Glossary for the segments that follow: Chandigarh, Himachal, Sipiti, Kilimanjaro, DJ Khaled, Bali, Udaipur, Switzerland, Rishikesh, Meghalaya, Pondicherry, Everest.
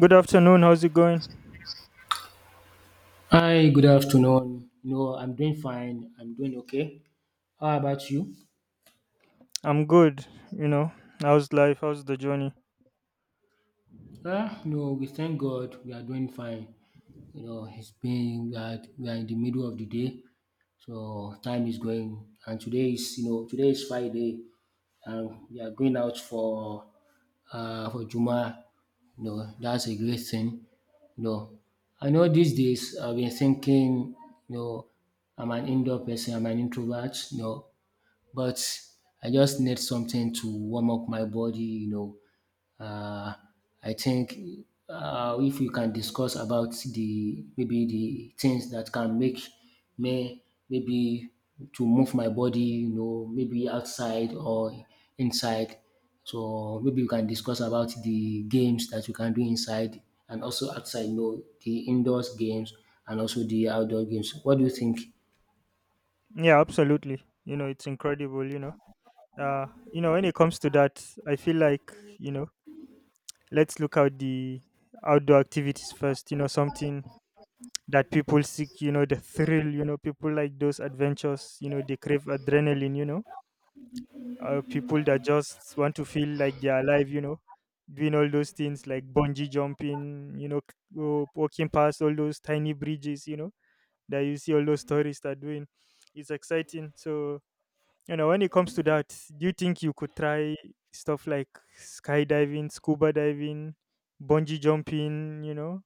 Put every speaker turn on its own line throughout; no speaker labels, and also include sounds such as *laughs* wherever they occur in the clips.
Good afternoon. How's it going?
Hi, good afternoon. No, I'm doing fine. I'm doing okay. How about you?
I'm good. You know, how's life? How's the journey?
Ah, no, we thank God we are doing fine. You know, it's been we are in the middle of the day, so time is going. And today is today is Friday, and we are going out for Juma. You know, that's a great thing. You know, I know these days I've been thinking. You know, I'm an indoor person. I'm an introvert. You know, but I just need something to warm up my body. Uh, I think if you can discuss about the maybe the things that can make me maybe to move my body, you know, maybe outside or inside. So maybe you can discuss about the games that you can do inside and also outside, you know, the indoors games and also the outdoor games. What do you think?
Yeah, absolutely. It's incredible. Uh, when it comes to that, I feel like let's look at the outdoor activities first. Something that people seek. The thrill. People like those adventures. They crave adrenaline. People that just want to feel like they're alive. Doing all those things like bungee jumping. Walking past all those tiny bridges. You know that you see all those tourists are doing. It's exciting. So, when it comes to that, do you think you could try stuff like skydiving, scuba diving, bungee jumping,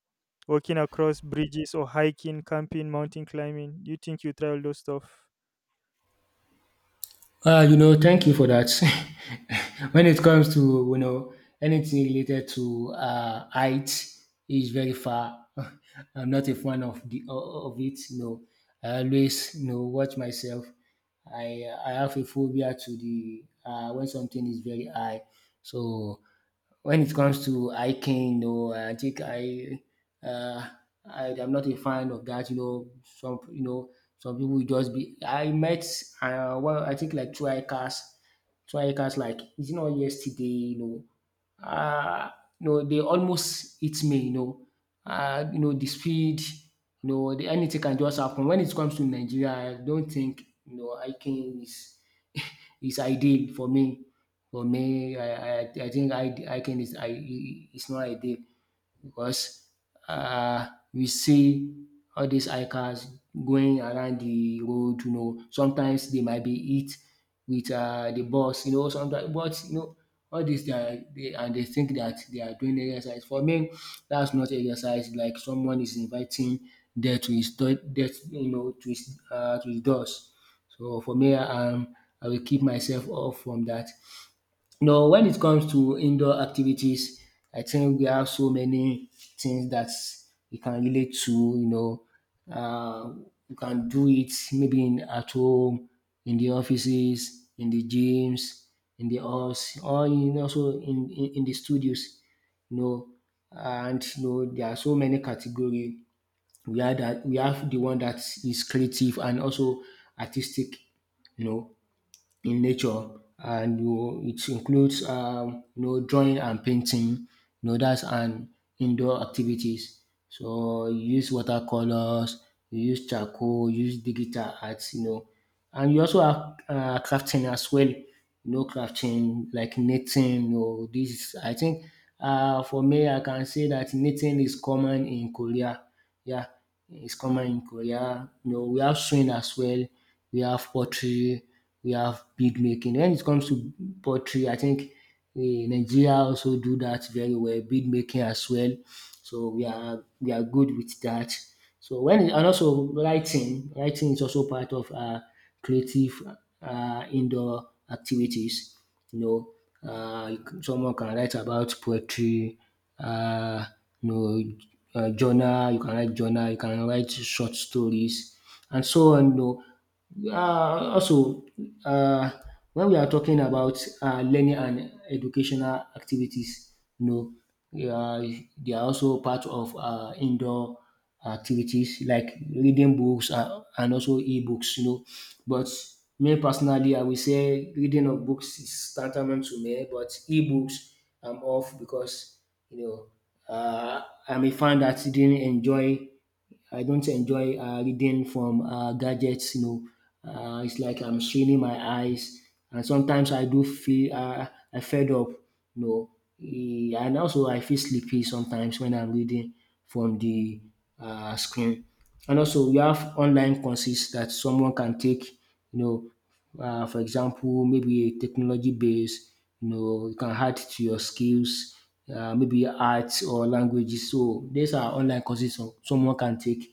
walking across bridges or hiking, camping, mountain climbing? Do you think you try all those stuff?
You know, thank you for that. *laughs* When it comes to, you know, anything related to height is very far. *laughs* I'm not a fan of the of it. You know, I always watch myself. I have a phobia to the when something is very high. So when it comes to hiking, no, I think uh, I am not a fan of that. You know, some some people will just be. I met well, I think like two hikers, two hikers. Like it's not yesterday. Uh, you know they almost hit me. You know the speed. Anything can just happen. When it comes to Nigeria, I don't think you know hiking is it's ideal for me. For me, I think I can is I it's not ideal because um we see all these hikers going around the road, you know, sometimes they might be hit with de bus, you know, sometimes but you know all dis they and they think that they are doing exercise. For me, that's not exercise. Like someone is inviting death to his death, you know, to his doors. So for me, I will keep myself off from that. No, when it comes to indoor activities, I think we have so many things that we can relate to. You know, uh, you can do it maybe at home, in the offices, in the gyms, in the halls, or in, also in the studios. You know, and you know there are so many categories. We have the one that is creative and also artistic. You know, in nature, and you it includes you know, drawing and painting. You know, that's an indoor activities. So you use watercolors, you use charcoal, you use digital arts, you know. And you also have crafting as well. You know, crafting like knitting. You know, I think for me, I can say that knitting is common in Korea. Yeah, it's common in Korea. You know, we have swing as well. We have pottery. We have bead making. When it comes to pottery, I think Nigeria also do that very well. Bead making as well. So we are good with that. And also writing, writing is also part of our creative indoor activities. You know, someone can write about poetry, uh, you know, journal. You can write journal. You can write short stories, and so on. Also, uh, when we are talking about learning and educational activities, you know, they are, they are also part of indoor activities like reading books, and also e-books, you know. But me personally, I will say reading of books is tantamount to me, but e-books I'm off because, you know, I'm a fan that didn't enjoy I don't enjoy reading from gadgets. You know, it's like I'm straining my eyes, and sometimes I do feel I fed up. You know, and also I feel sleepy sometimes when I'm reading from the screen. And also, we have online courses that someone can take. You know, for example, maybe technology based, you know, you can add to your skills, maybe arts or languages. So these are online courses so someone can take.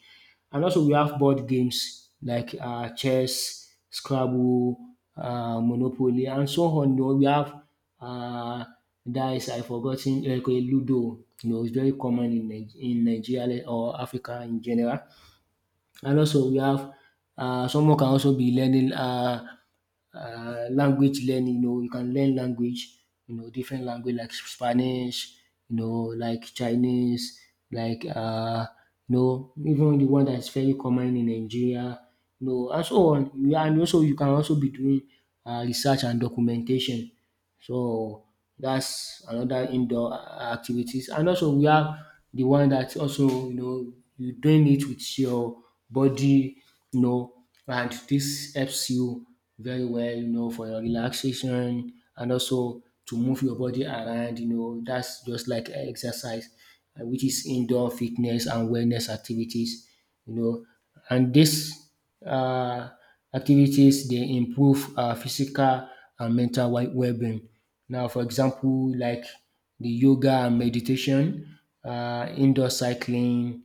And also we have board games like chess, Scrabble, Monopoly, and so on. You know, we have uh, dice. I forgotten like Ludo. You know, it's very common in Nigeria or Africa in general. And also we have someone can also be learning language learning, you know, you can learn language, you know, different language like Spanish, you know, like Chinese, like you know even the one that is very common in Nigeria, you know, and so on. And also you can also be doing research and documentation. So that's another indoor activities. And also we have the one that also you know you doing it with your body, you know, and this helps you very well, you know, for your relaxation and also to move your body around, you know, that's just like exercise, which is indoor fitness and wellness activities, you know. And these uh activities they improve our physical and mental well being. Now for example like the yoga and meditation, indoor cycling,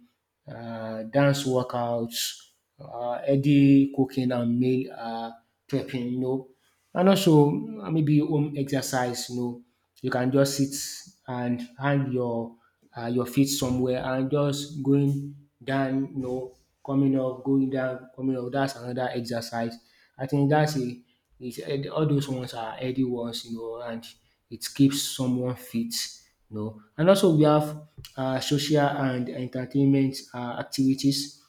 dance workouts, healthy cooking and meal prepping, you know. And also maybe home exercise, you know, so you can just sit and hang your feet somewhere and just going down, you know, coming up, going down, coming up. That's another exercise. I think that's all those ones are healthy ones, you know, and it keeps someone fit, you know. And also we have social and entertainment activities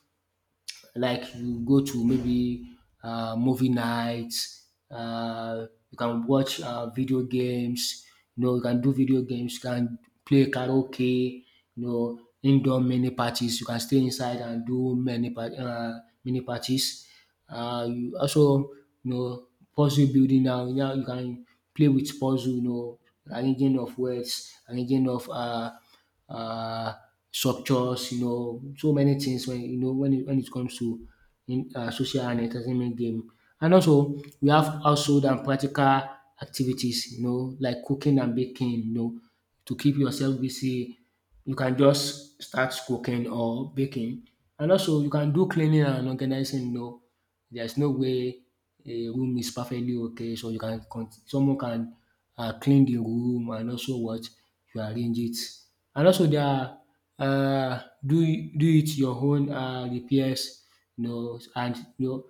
like you go to maybe movie nights, you can watch video games, you know, you can do video games, you can play karaoke, you know, indoor mini parties, you can stay inside and do many mini parties. You also, you know, puzzle building, now you can play with puzzle, you know, arranging of words, arranging of uh, structures, you know, so many things when you know when it comes to social and entertainment game. And also we have household and practical activities, you know, like cooking and baking, you know, to keep yourself busy. You can just start cooking or baking. And also you can do cleaning and organizing, you know, there's no way a room is perfectly okay, so you can someone can clean the room and also what you arrange it. And also there are uh, do do it your own repairs, you know, and you know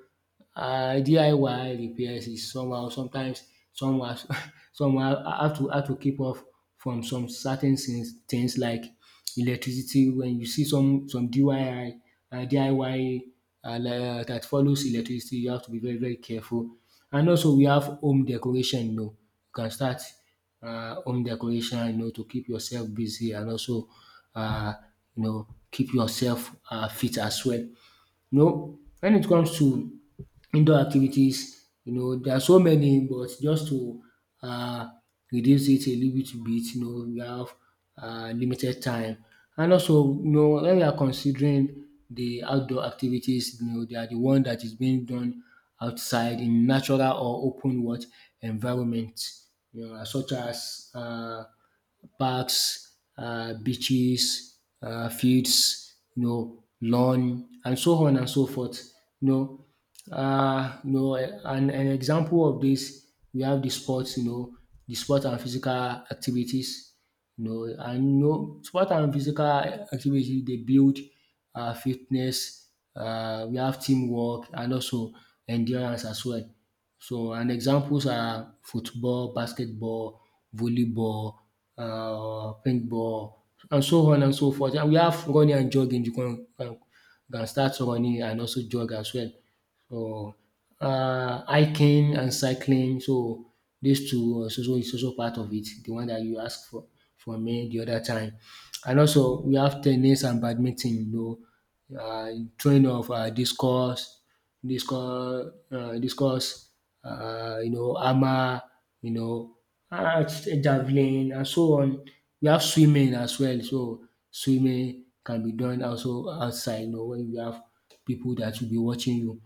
DIY repairs is somehow *laughs* somehow I have to keep off from some certain things like electricity. When you see some DIY um DIY um dat follows electricity, you have to be very careful. And also we have home decoration, you know, you can start home decoration, you know, to keep yourself busy and also um you know keep yourself fit as well. You know, when it comes to indoor activities, you know, there are so many, but just to uh, reduce it a little bit, you know, we have limited time. And also, you know, when we are considering the outdoor activities, you know, they are the one that is being done outside in natural or open what environment, you know, such as parks, beaches, fields, you know, lawn, and so on and so forth. An example of this, we have the sports, you know, the sport and physical activities, you know, and you know, sport and physical activity they build fitness, we have teamwork, and also endurance as well. So, and examples are football, basketball, volleyball, paintball, and so on and so forth. And we have running and jogging. You can start running and also jog as well. So, hiking and cycling. So, these two is also part of it. The one that you asked for me the other time. And also, we have tennis and badminton, you know, train of discourse discuss discuss you know hammer, you know, uh, javelin and so on. We have swimming as well, so swimming can be done also outside, you know, when you have people that will be watching you.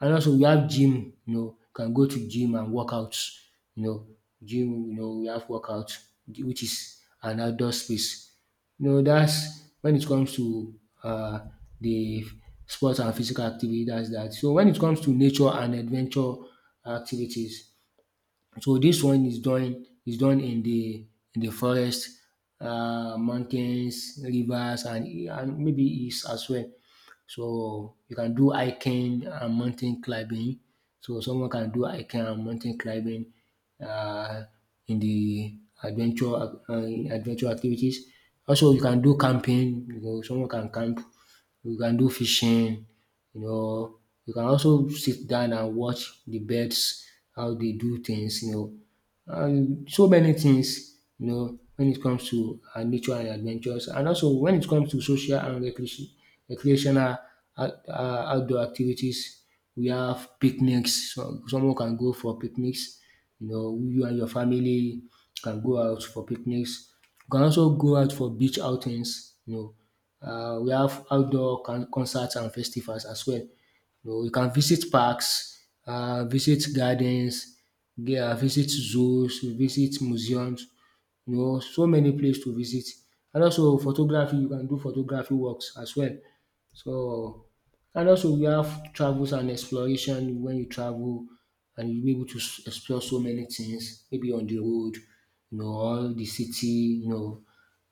And also we have gym, you know, can go to gym and workout, you know, we have workout which is an outdoor space. No, that's when it comes to uh, the sports and physical activity, that's that. So when it comes to nature and adventure activities, so this one is done in the forest, mountains, rivers, and maybe east as well. So you can do hiking and mountain climbing. So someone can do hiking and mountain climbing uh, in the adventure activities. Also you can do camping, someone can camp, you can do fishing, you know. You can also sit down and watch the birds how they do things. So many things, when it comes to nature and adventures, and also when it comes to social and recreational outdoor activities. We have picnics, so someone can go for picnics. You and your family can go out for picnics. You can also go out for beach outings. We have outdoor concerts and festivals as well. You can visit parks, visit gardens, visit zoos, visit museums, so many places to visit. And also photography, you can do photography works as well. So, and also you have travels and exploration. When you travel, and you'll be able to explore so many things, maybe on the road, all the city,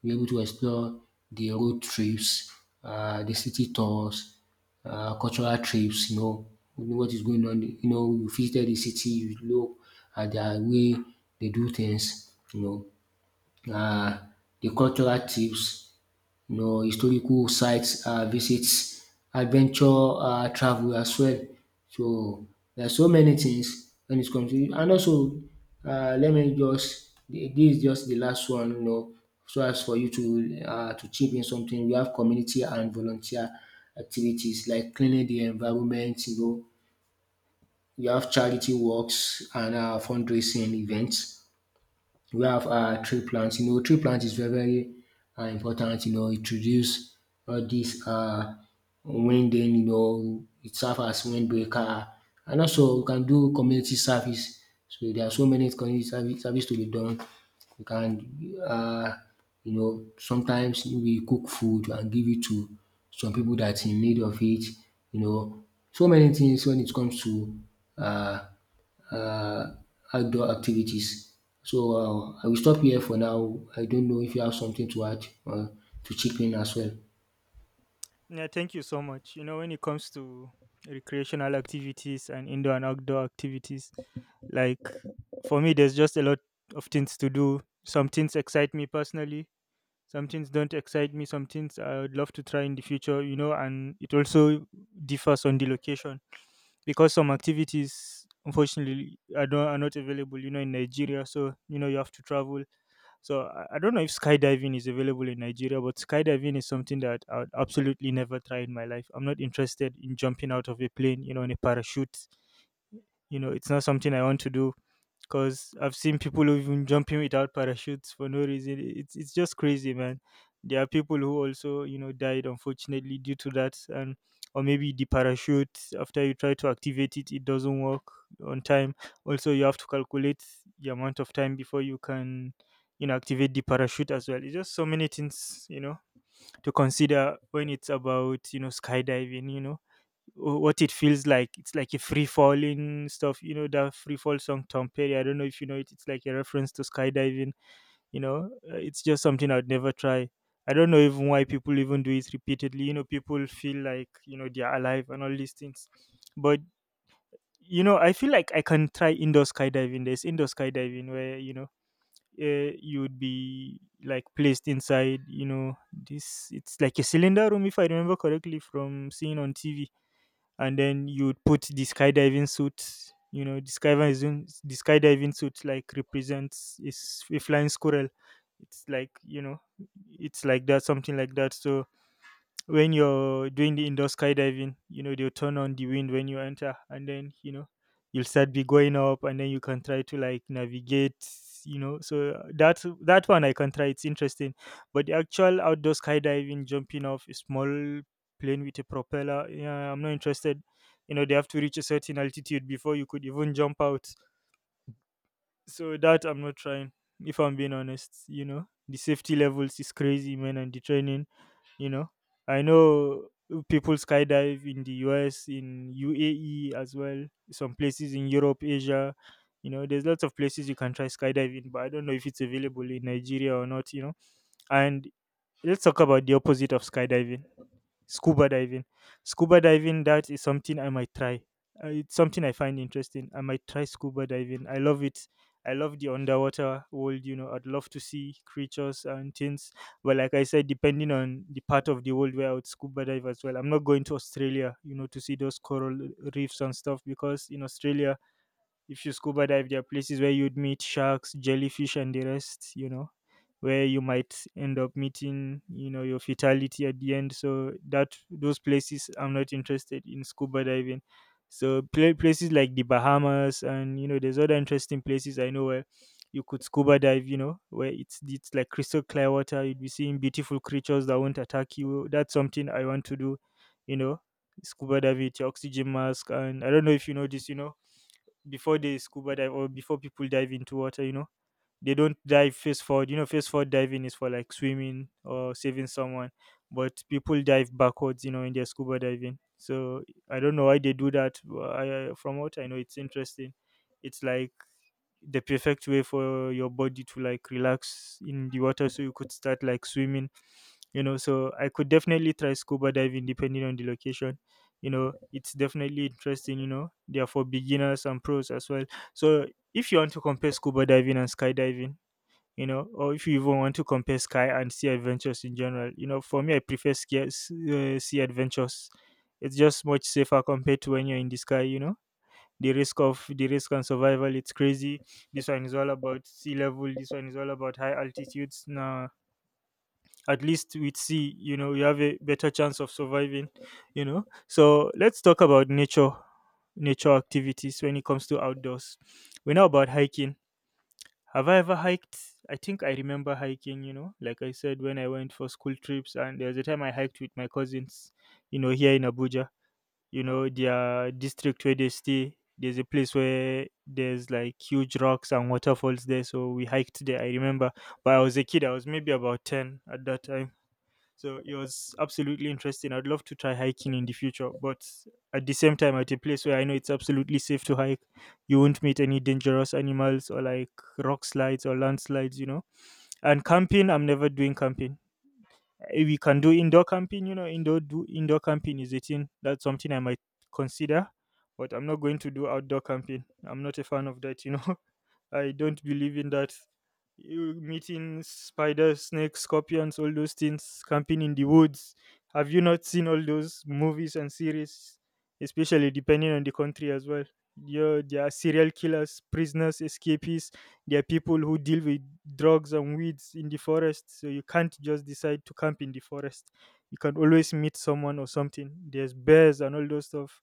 we're able to explore the road trips, the city tours, cultural trips. You know what is going on. You visited the city, you look at their way they do things. Uh, the cultural tips, historical sites, visits, adventure travel as well. So there are so many things when it comes to, and also, let me just, this is just the last one, so as for you to to chip in something, you have community and volunteer activities like cleaning the environment, you have charity works and fundraising events. We have tree plant. Tree plant is very very important. Introduce all dis wind dem, it serve as wind breaker. And also we can do community service. So there are so many community service to be done. We can sometimes we cook food and give it to some pipu dat in need of it you know. So many tins wen it comes to um uh, outdoor activities. So I will stop here for now. I don't know if you have something to add or to chip in as well.
Yeah, thank you so much. When it comes to recreational activities and indoor and outdoor activities, like for me, there's just a lot of things to do. Some things excite me personally. Some things don't excite me. Some things I would love to try in the future, and it also differs on the location because some activities unfortunately are not available, in Nigeria. So, you have to travel. So I don't know if skydiving is available in Nigeria, but skydiving is something that I would absolutely never try in my life. I'm not interested in jumping out of a plane, in a parachute. It's not something I want to do because I've seen people who even jumping without parachutes for no reason. It's just crazy, man. There are people who also died unfortunately due to that, and or maybe the parachute after you try to activate it, it doesn't work on time. Also, you have to calculate the amount of time before you can activate the parachute as well. It's just so many things to consider when it's about skydiving. What it feels like. It's like a free falling stuff, that free fall song Tom Perry. I don't know if you know it. It's like a reference to skydiving. It's just something I'd never try. I don't know even why people even do it repeatedly. People feel like, they're alive and all these things. But, I feel like I can try indoor skydiving. There's indoor skydiving where, you would be like placed inside, this, it's like a cylinder room, if I remember correctly from seeing on TV, and then you would put the skydiving suit. The skydiving suit like represents is a flying squirrel. It's like it's like that, something like that. So when you're doing the indoor skydiving, they'll turn on the wind when you enter, and then, you'll start be going up, and then you can try to like navigate. So that one I can try. It's interesting. But the actual outdoor skydiving, jumping off a small plane with a propeller, yeah, I'm not interested. They have to reach a certain altitude before you could even jump out. So that I'm not trying, if I'm being honest. The safety levels is crazy, man, and the training, you know I know people skydive in the US, in UAE as well, some places in Europe, Asia. There's lots of places you can try skydiving, but I don't know if it's available in Nigeria or not, and let's talk about the opposite of skydiving. Scuba diving. Scuba diving, that is something I might try. It's something I find interesting. I might try scuba diving. I love it. I love the underwater world. I'd love to see creatures and things. But like I said, depending on the part of the world where I would scuba dive as well. I'm not going to Australia, to see those coral reefs and stuff because in Australia if you scuba dive, there are places where you'd meet sharks, jellyfish, and the rest, where you might end up meeting, your fatality at the end. So that those places, I'm not interested in scuba diving. So places like the Bahamas and, there's other interesting places I know where you could scuba dive. Where it's like crystal clear water. You'd be seeing beautiful creatures that won't attack you. That's something I want to do. You know, scuba dive with your oxygen mask, and I don't know if you know this. Before they scuba dive or before people dive into water, they don't dive face forward. Face forward diving is for like swimming or saving someone, but people dive backwards, in their scuba diving. So I don't know why they do that. But I, from what I know, it's interesting. It's like the perfect way for your body to like relax in the water so you could start like swimming, so I could definitely try scuba diving depending on the location. It's definitely interesting. They are for beginners and pros as well. So if you want to compare scuba diving and skydiving, or if you even want to compare sky and sea adventures in general, for me I prefer sea adventures. It's just much safer compared to when you're in the sky. The risk and survival, it's crazy. This one is all about sea level. This one is all about high altitudes. Now at least with sea, you have a better chance of surviving. So let's talk about nature. Nature activities when it comes to outdoors. We know about hiking. Have I ever hiked? I think I remember hiking. Like I said, when I went for school trips, and there was a time I hiked with my cousins, here in Abuja. Their district where they stay, there's a place where there's like huge rocks and waterfalls there, so we hiked there, I remember. But I was a kid. I was maybe about 10 at that time. So it was absolutely interesting. I'd love to try hiking in the future, but at the same time, at a place where I know it's absolutely safe to hike. You won't meet any dangerous animals or like rock slides or landslides, and camping, I'm never doing camping. We can do indoor camping. Indoor camping is a thing. That's something I might consider. But I'm not going to do outdoor camping. I'm not a fan of that. *laughs* I don't believe in that. You meeting spiders, snakes, scorpions, all those things, camping in the woods. Have you not seen all those movies and series, especially depending on the country as well? There are serial killers, prisoners, escapees. There are people who deal with drugs and weeds in the forest. So you can't just decide to camp in the forest. You can always meet someone or something. There's bears and all those stuff,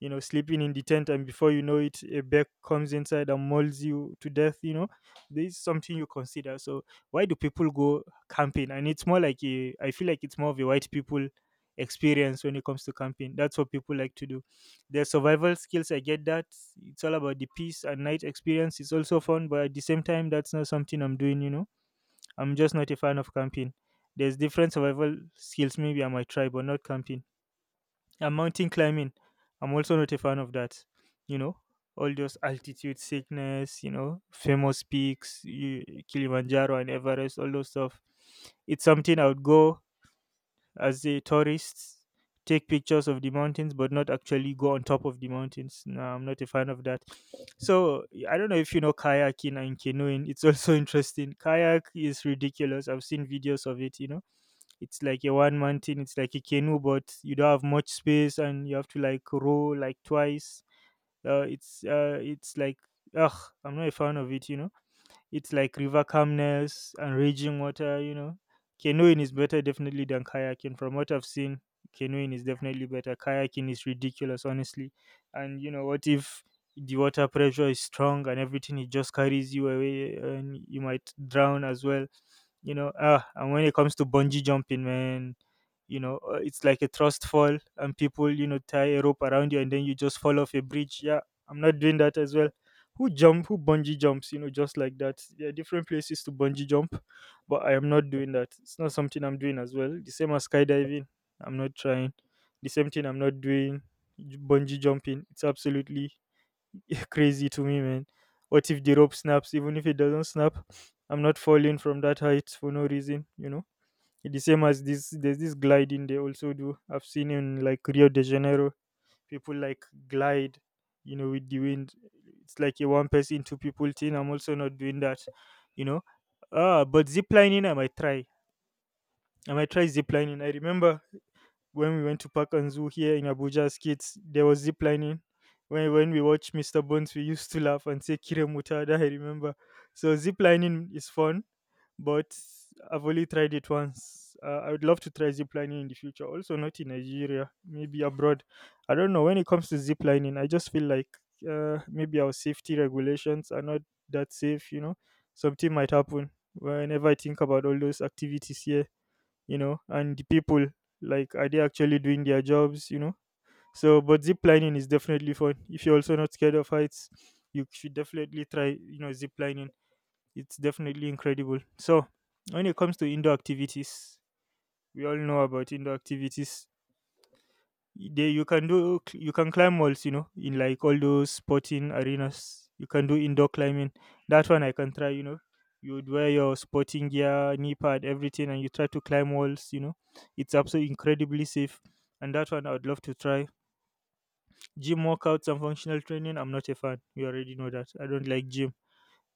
sleeping in the tent, and before you know it, a bear comes inside and mauls you to death. This is something you consider. So why do people go camping? And it's more like I feel like it's more of a white people experience when it comes to camping. That's what people like to do. Their survival skills, I get that. It's all about the peace and night experience. It's also fun, but at the same time, that's not something I'm doing. I'm just not a fan of camping. There's different survival skills maybe I might try, but not camping. And mountain climbing, I'm also not a fan of that. You know, all those altitude sickness, famous peaks, you, Kilimanjaro and Everest, all those stuff. It's something I would go as a tourist, take pictures of the mountains, but not actually go on top of the mountains. No, I'm not a fan of that. So I don't know if you know kayaking and canoeing. It's also *laughs* interesting. Kayak is ridiculous. I've seen videos of it. It's like a one mountain. It's like a canoe, but you don't have much space, and you have to like row like twice. Uh, it's uh, it's like I'm not a fan of it. It's like river calmness and raging water. Canoeing is better definitely than kayaking. From what I've seen, canoeing is definitely better. Kayaking is ridiculous, honestly. And you know, what if the water pressure is strong and everything, it just carries you away and you might drown as well, you know. Ah, and when it comes to bungee jumping, man, you know, it's like a thrust fall and people, you know, tie a rope around you and then you just fall off a bridge. Yeah, I'm not doing that as well. Who bungee jumps, you know, just like that? There are different places to bungee jump, but I am not doing that. It's not something I'm doing as well, the same as skydiving. I'm not trying the same thing. I'm not doing bungee jumping. It's absolutely *laughs* crazy to me, man. What if the rope snaps? Even if it doesn't snap, I'm not falling from that height for no reason, you know. The same as this, there's this gliding they also do. I've seen in like Rio de Janeiro people like glide, you know, with the wind. It's like a one person, two people thing. I'm also not doing that, you know. Ah, but zip lining I might try. I might try zip lining. I remember when we went to park and zoo here in Abuja as kids, there was zip lining. When we watched Mr. Bones, we used to laugh and say kiremuta, that I remember. So zip lining is fun, but I've only tried it once. I would love to try ziplining in the future, also not in Nigeria, maybe abroad. I don't know. When it comes to ziplining, I just feel like maybe our safety regulations are not that safe, you know. Something might happen. Whenever I think about all those activities here, you know, and the people, like, are they actually doing their jobs, you know? So, but ziplining is definitely fun. If you're also not scared of heights, you should definitely try, you know, ziplining. It's definitely incredible. So, when it comes to indoor activities, we all know about indoor activities. They, you can do, you can climb walls, you know, in like all those sporting arenas. You can do indoor climbing. That one I can try, you know. You would wear your sporting gear, knee pad, everything, and you try to climb walls, you know. It's absolutely incredibly safe. And that one I would love to try. Gym workouts and functional training, I'm not a fan. You already know that. I don't like gym.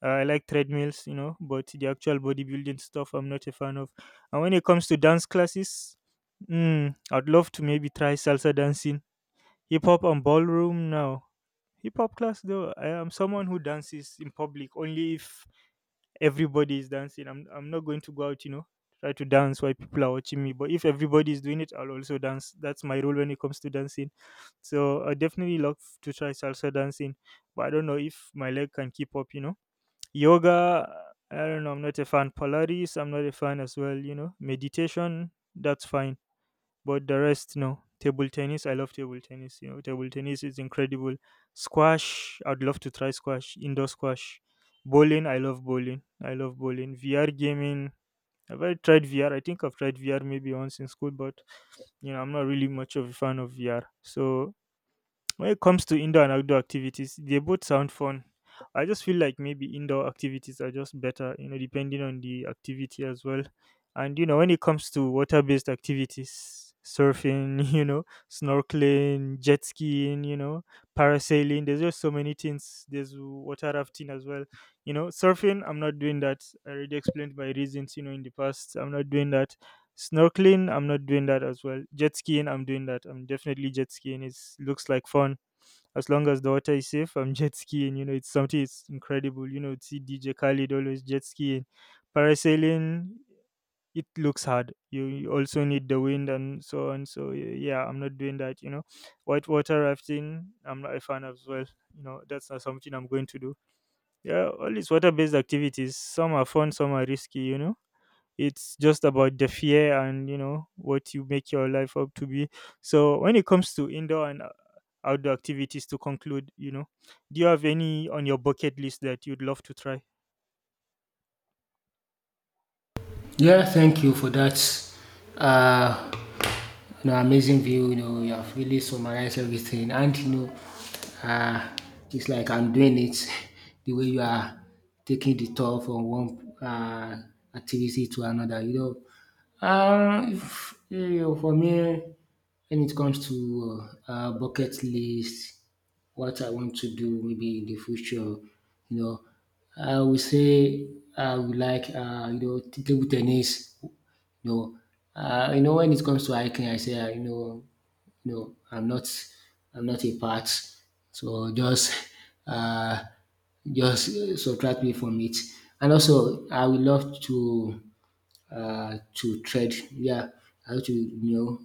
I like treadmills, you know, but the actual bodybuilding stuff I'm not a fan of. And when it comes to dance classes, mm, I'd love to maybe try salsa dancing, hip hop, and ballroom now. Hip hop class though, I am someone who dances in public only if everybody is dancing. I'm not going to go out, you know, try to dance while people are watching me. But if everybody is doing it, I'll also dance. That's my rule when it comes to dancing. So I definitely love to try salsa dancing, but I don't know if my leg can keep up, you know. Yoga, I don't know, I'm not a fan. Polaris, I'm not a fan as well, you know. Meditation, that's fine. But the rest, no. Table tennis, I love table tennis. You know, table tennis is incredible. Squash, I'd love to try squash, indoor squash. Bowling, I love bowling. I love bowling. VR gaming, have I tried VR? I think I've tried VR maybe once in school, but you know, I'm not really much of a fan of VR. So when it comes to indoor and outdoor activities, they both sound fun. I just feel like maybe indoor activities are just better, you know, depending on the activity as well. And you know, when it comes to water-based activities, surfing, *laughs* you know, snorkeling, jet skiing, you know, parasailing, there's just so many things. There's water rafting as well. You know, surfing, I'm not doing that. I already explained my reasons, you know, in the past. I'm not doing that. Snorkeling, I'm not doing that as well. Jet skiing, I'm doing that. I'm definitely jet skiing. It looks like fun. As long as the water is safe, I'm *laughs* jet skiing. You know, it's something, it's incredible. You know, see DJ Khaled always jet skiing. Parasailing, it looks hard. You also need the wind and so on. So yeah, I'm not doing that. You know, whitewater rafting, I'm not a fan of as well. You know, that's not something I'm going to do. Yeah, all these water-based activities, some are fun, some are risky. You know, it's just about the fear and you know what you make your life up to be. So when it comes to indoor and outdoor activities, to conclude, you know, do you have any on your bucket list that you'd love to try?
Yeah, thank you for that. Uh, you know, amazing view. You know, you have really summarized everything, and uh, it's like I'm doing it *laughs* the way you are taking the tour from one activity to another. If, you know, for me, when it comes to bucket list, what I want to do maybe in the future, know, I would say I would like, table tennis. you when it comes to hiking, I say, you know, I'm not, I'm not a part. So just, *laughs* uh, just subtract me from it. And also, I would love to tread. Yeah, I want to, you know,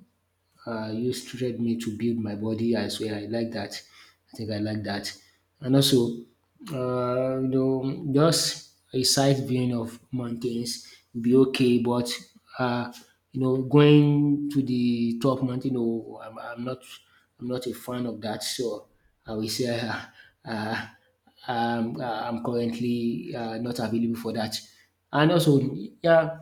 uh, you stretch me to build my body. I swear, I like that. I think I like that. And also, just a sight viewing of mountains will be okay, but uh, going to the top mountain, no, I'm not a fan of that. So I will say, uh, I'm currently not available for that. And also, yeah,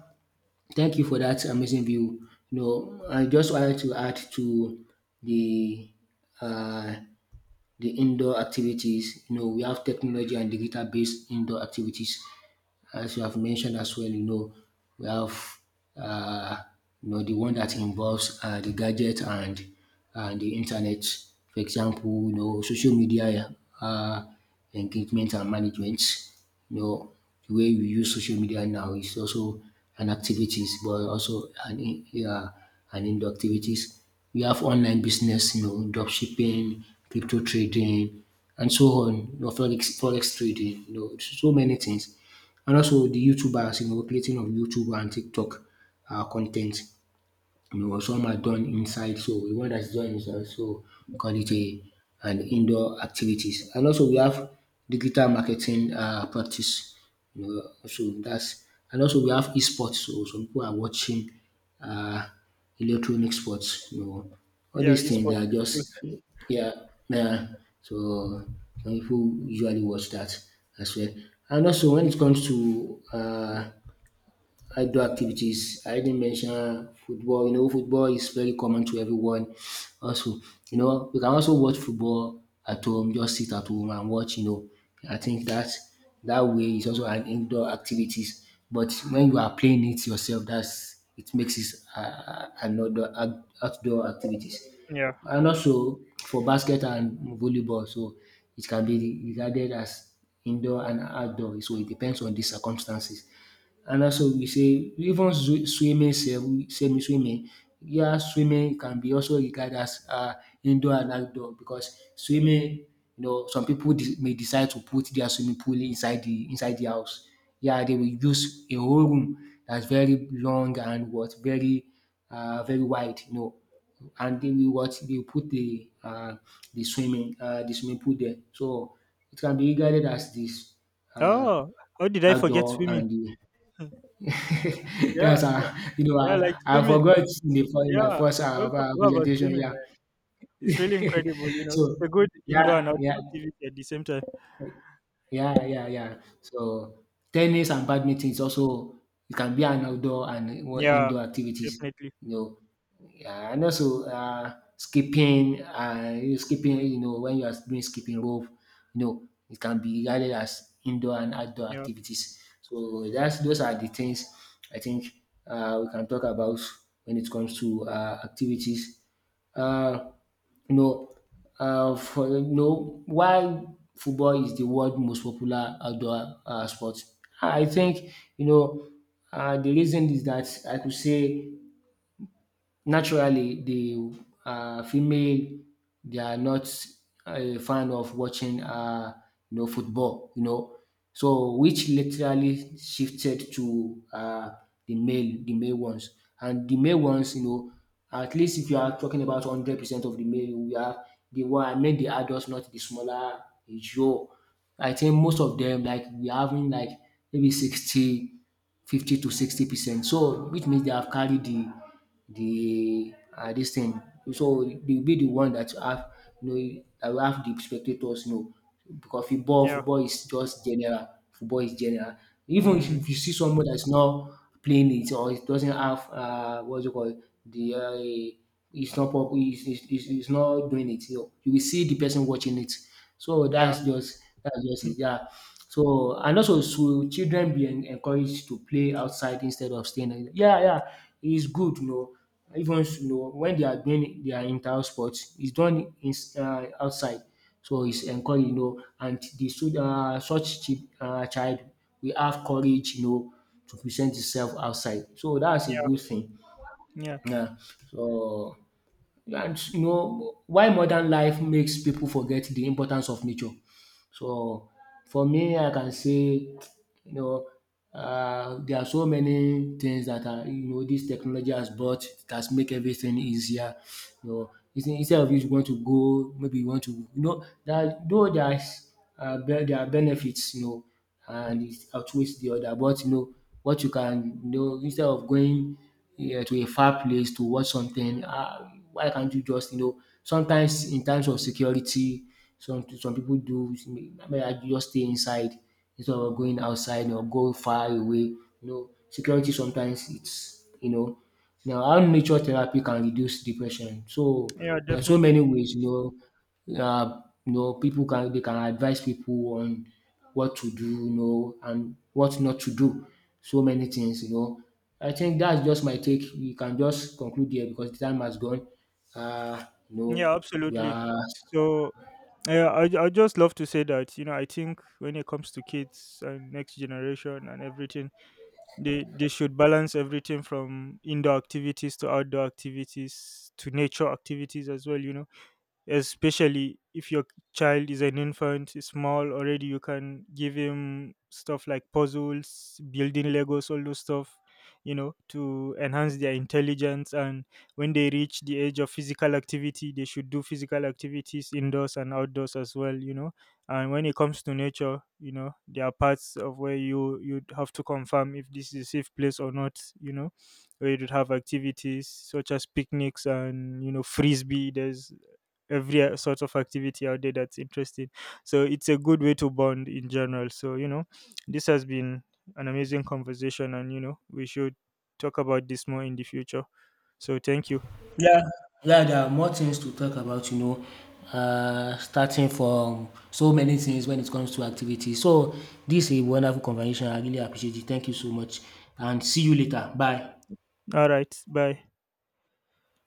thank you for that amazing view. You know, I just wanted to add to the uh, the indoor activities. You know, we have technology and digital based indoor activities. As you have mentioned as well, you know, we have uh, the one that involves the gadget and the internet. For example, you know, social media uh, engagement and management. You know, the way we use social media now is also an activities, but also an indoor activities. We have online business, you know, drop shipping, crypto trading, and so on. You know, forex trading, you know, so many things. And also the YouTubers, you know, creating of YouTube and TikTok content, because some are done inside, so the one that is done is also call it a an indoor activities. And also we have digital marketing practice, so that's, and also we have esports. So some people are watching uh, electronic sports, you know all
Yeah,
these things
esports
are
is cool.
just, yeah, yeah. So some pipu usually watch that as well. And also when it comes to outdoor activities, I didn't mention football. You know, football is very common to everyone. Also, you know, we can also watch football at home, just sit at home and watch. I think that way is also an indoor activities. But when you are playing it yourself, that's, it makes it another outdoor activities.
Yeah.
And also for basket and volleyball, so it can be regarded as indoor and outdoor. So it depends on the circumstances. And also we say even swimming sef, semi swimming. Yeah, swimming can be also regarded as indoor and outdoor, because swimming, some pipu may decide to put their swimming pool inside the house. Yeah, they will use a whole room that's very long and what very, very wide, you know, and they will put the swimming pool there. So it can be regarded as this uh
Oh, how did I forget
outdoor
swimming?
and the. *laughs*
Yeah,
That's you know,
yeah, like
I, I
swimming.
forgot in the in my
Yeah,
first
I also forgot about
presentation.
swimming.
Yeah.
It's really incredible, you know.
So,
It's a good indoor and
yeah, yeah,
outdoor activity at the same time.
yeah, yeah, yeah. So tennis and badminton is also, it can be an outdoor and
Yeah,
indoor activities.
definitely.
You know, yeah, and also skipping, you know, when you are doing skipping rope, you know, it can be regarded as indoor and outdoor
Yeah,
activities. So that's those are the things I think we can talk about when it comes to activities. Uh, you know, for you know why football is the world most popular outdoor sport. I think you know the reason is that I could say, naturally, the female, they are not a fan of watching football, you know, so which literally shifted to the male ones, and the male ones, you know, at least if you are talking about 100% of the male, we have the one, I mean the adults, not the smaller issue. I think most of them, like we are having like maybe 60, 50 to 60%. So, which means they have carried the this thing. So they'll be the one that, you know, that will have the spectators, because football
yeah,
football is just general, football is general. Even if
mm,
you see someone that's not playing it, or it doesn't have, what's it called, the it's not doing it, you will see the person watching it. So
yeah,
that's just it, yeah. So, and also, should children be en encouraged to play outside instead of staying in? Yeah, yeah, it's good, you know. Even, you know, when they are doing their inter sports, it's done, in outside. So it's encouraged, you know, and the such child will have courage, you know, to present itself outside. So that's a
yeah,
good thing.
yeah,
Yeah. So, and you know why modern life makes people forget the importance of nature. So for me, I can say, know, there are so many things that are, you know, this technology has brought, that make everything easier. You know, instead of, you want to go, maybe you want to, you know, that though there are benefits, you know, and it outweighs the other. But you know, what you can, instead of going, yeah, to a far place to watch something, why can't you just, sometimes in terms of security, some people do maybe just stay inside instead of going outside or go far away. You know, security sometimes it's. Now, how nature therapy can reduce depression. So
yeah,
there are so
definitely.
many ways. People can, they can advise people on what to do, you know, and what not to do. So many things, you know. I think that's just my take. We can just conclude here because the time has gone. Uh, you know,
Yeah,
we
absolutely.
are
So, yeah, I just love to say that, you know, I think when it comes to kids and next generation and everything, they should balance everything from indoor activities to outdoor activities to nature activities as well. You know, especially if your child is an infant, is small already, you can give him stuff like puzzles, building legos, all those stuff, you know, to enhance their intelligence. And when they reach the age of physical activity, they should do physical activities indoors and outdoors as well, you know. And when it comes to nature, you know, there are parts of where you you'd have to confirm if this is a safe place or not, you know, where you'd have activities such as picnics and, you know, frisbee. There's every sort of activity out there that's interesting. So it's a good way to bond in general. So, you know, this has been an amazing conversation, and, you know, we should talk about this more in the future. So thank you.
yeah, there are more things to talk about, you know. Starting from so many things when it comes to activity. So this is a wonderful conversation. I really appreciate it. Thank you so much, and see you later. Bye.
All right. Bye.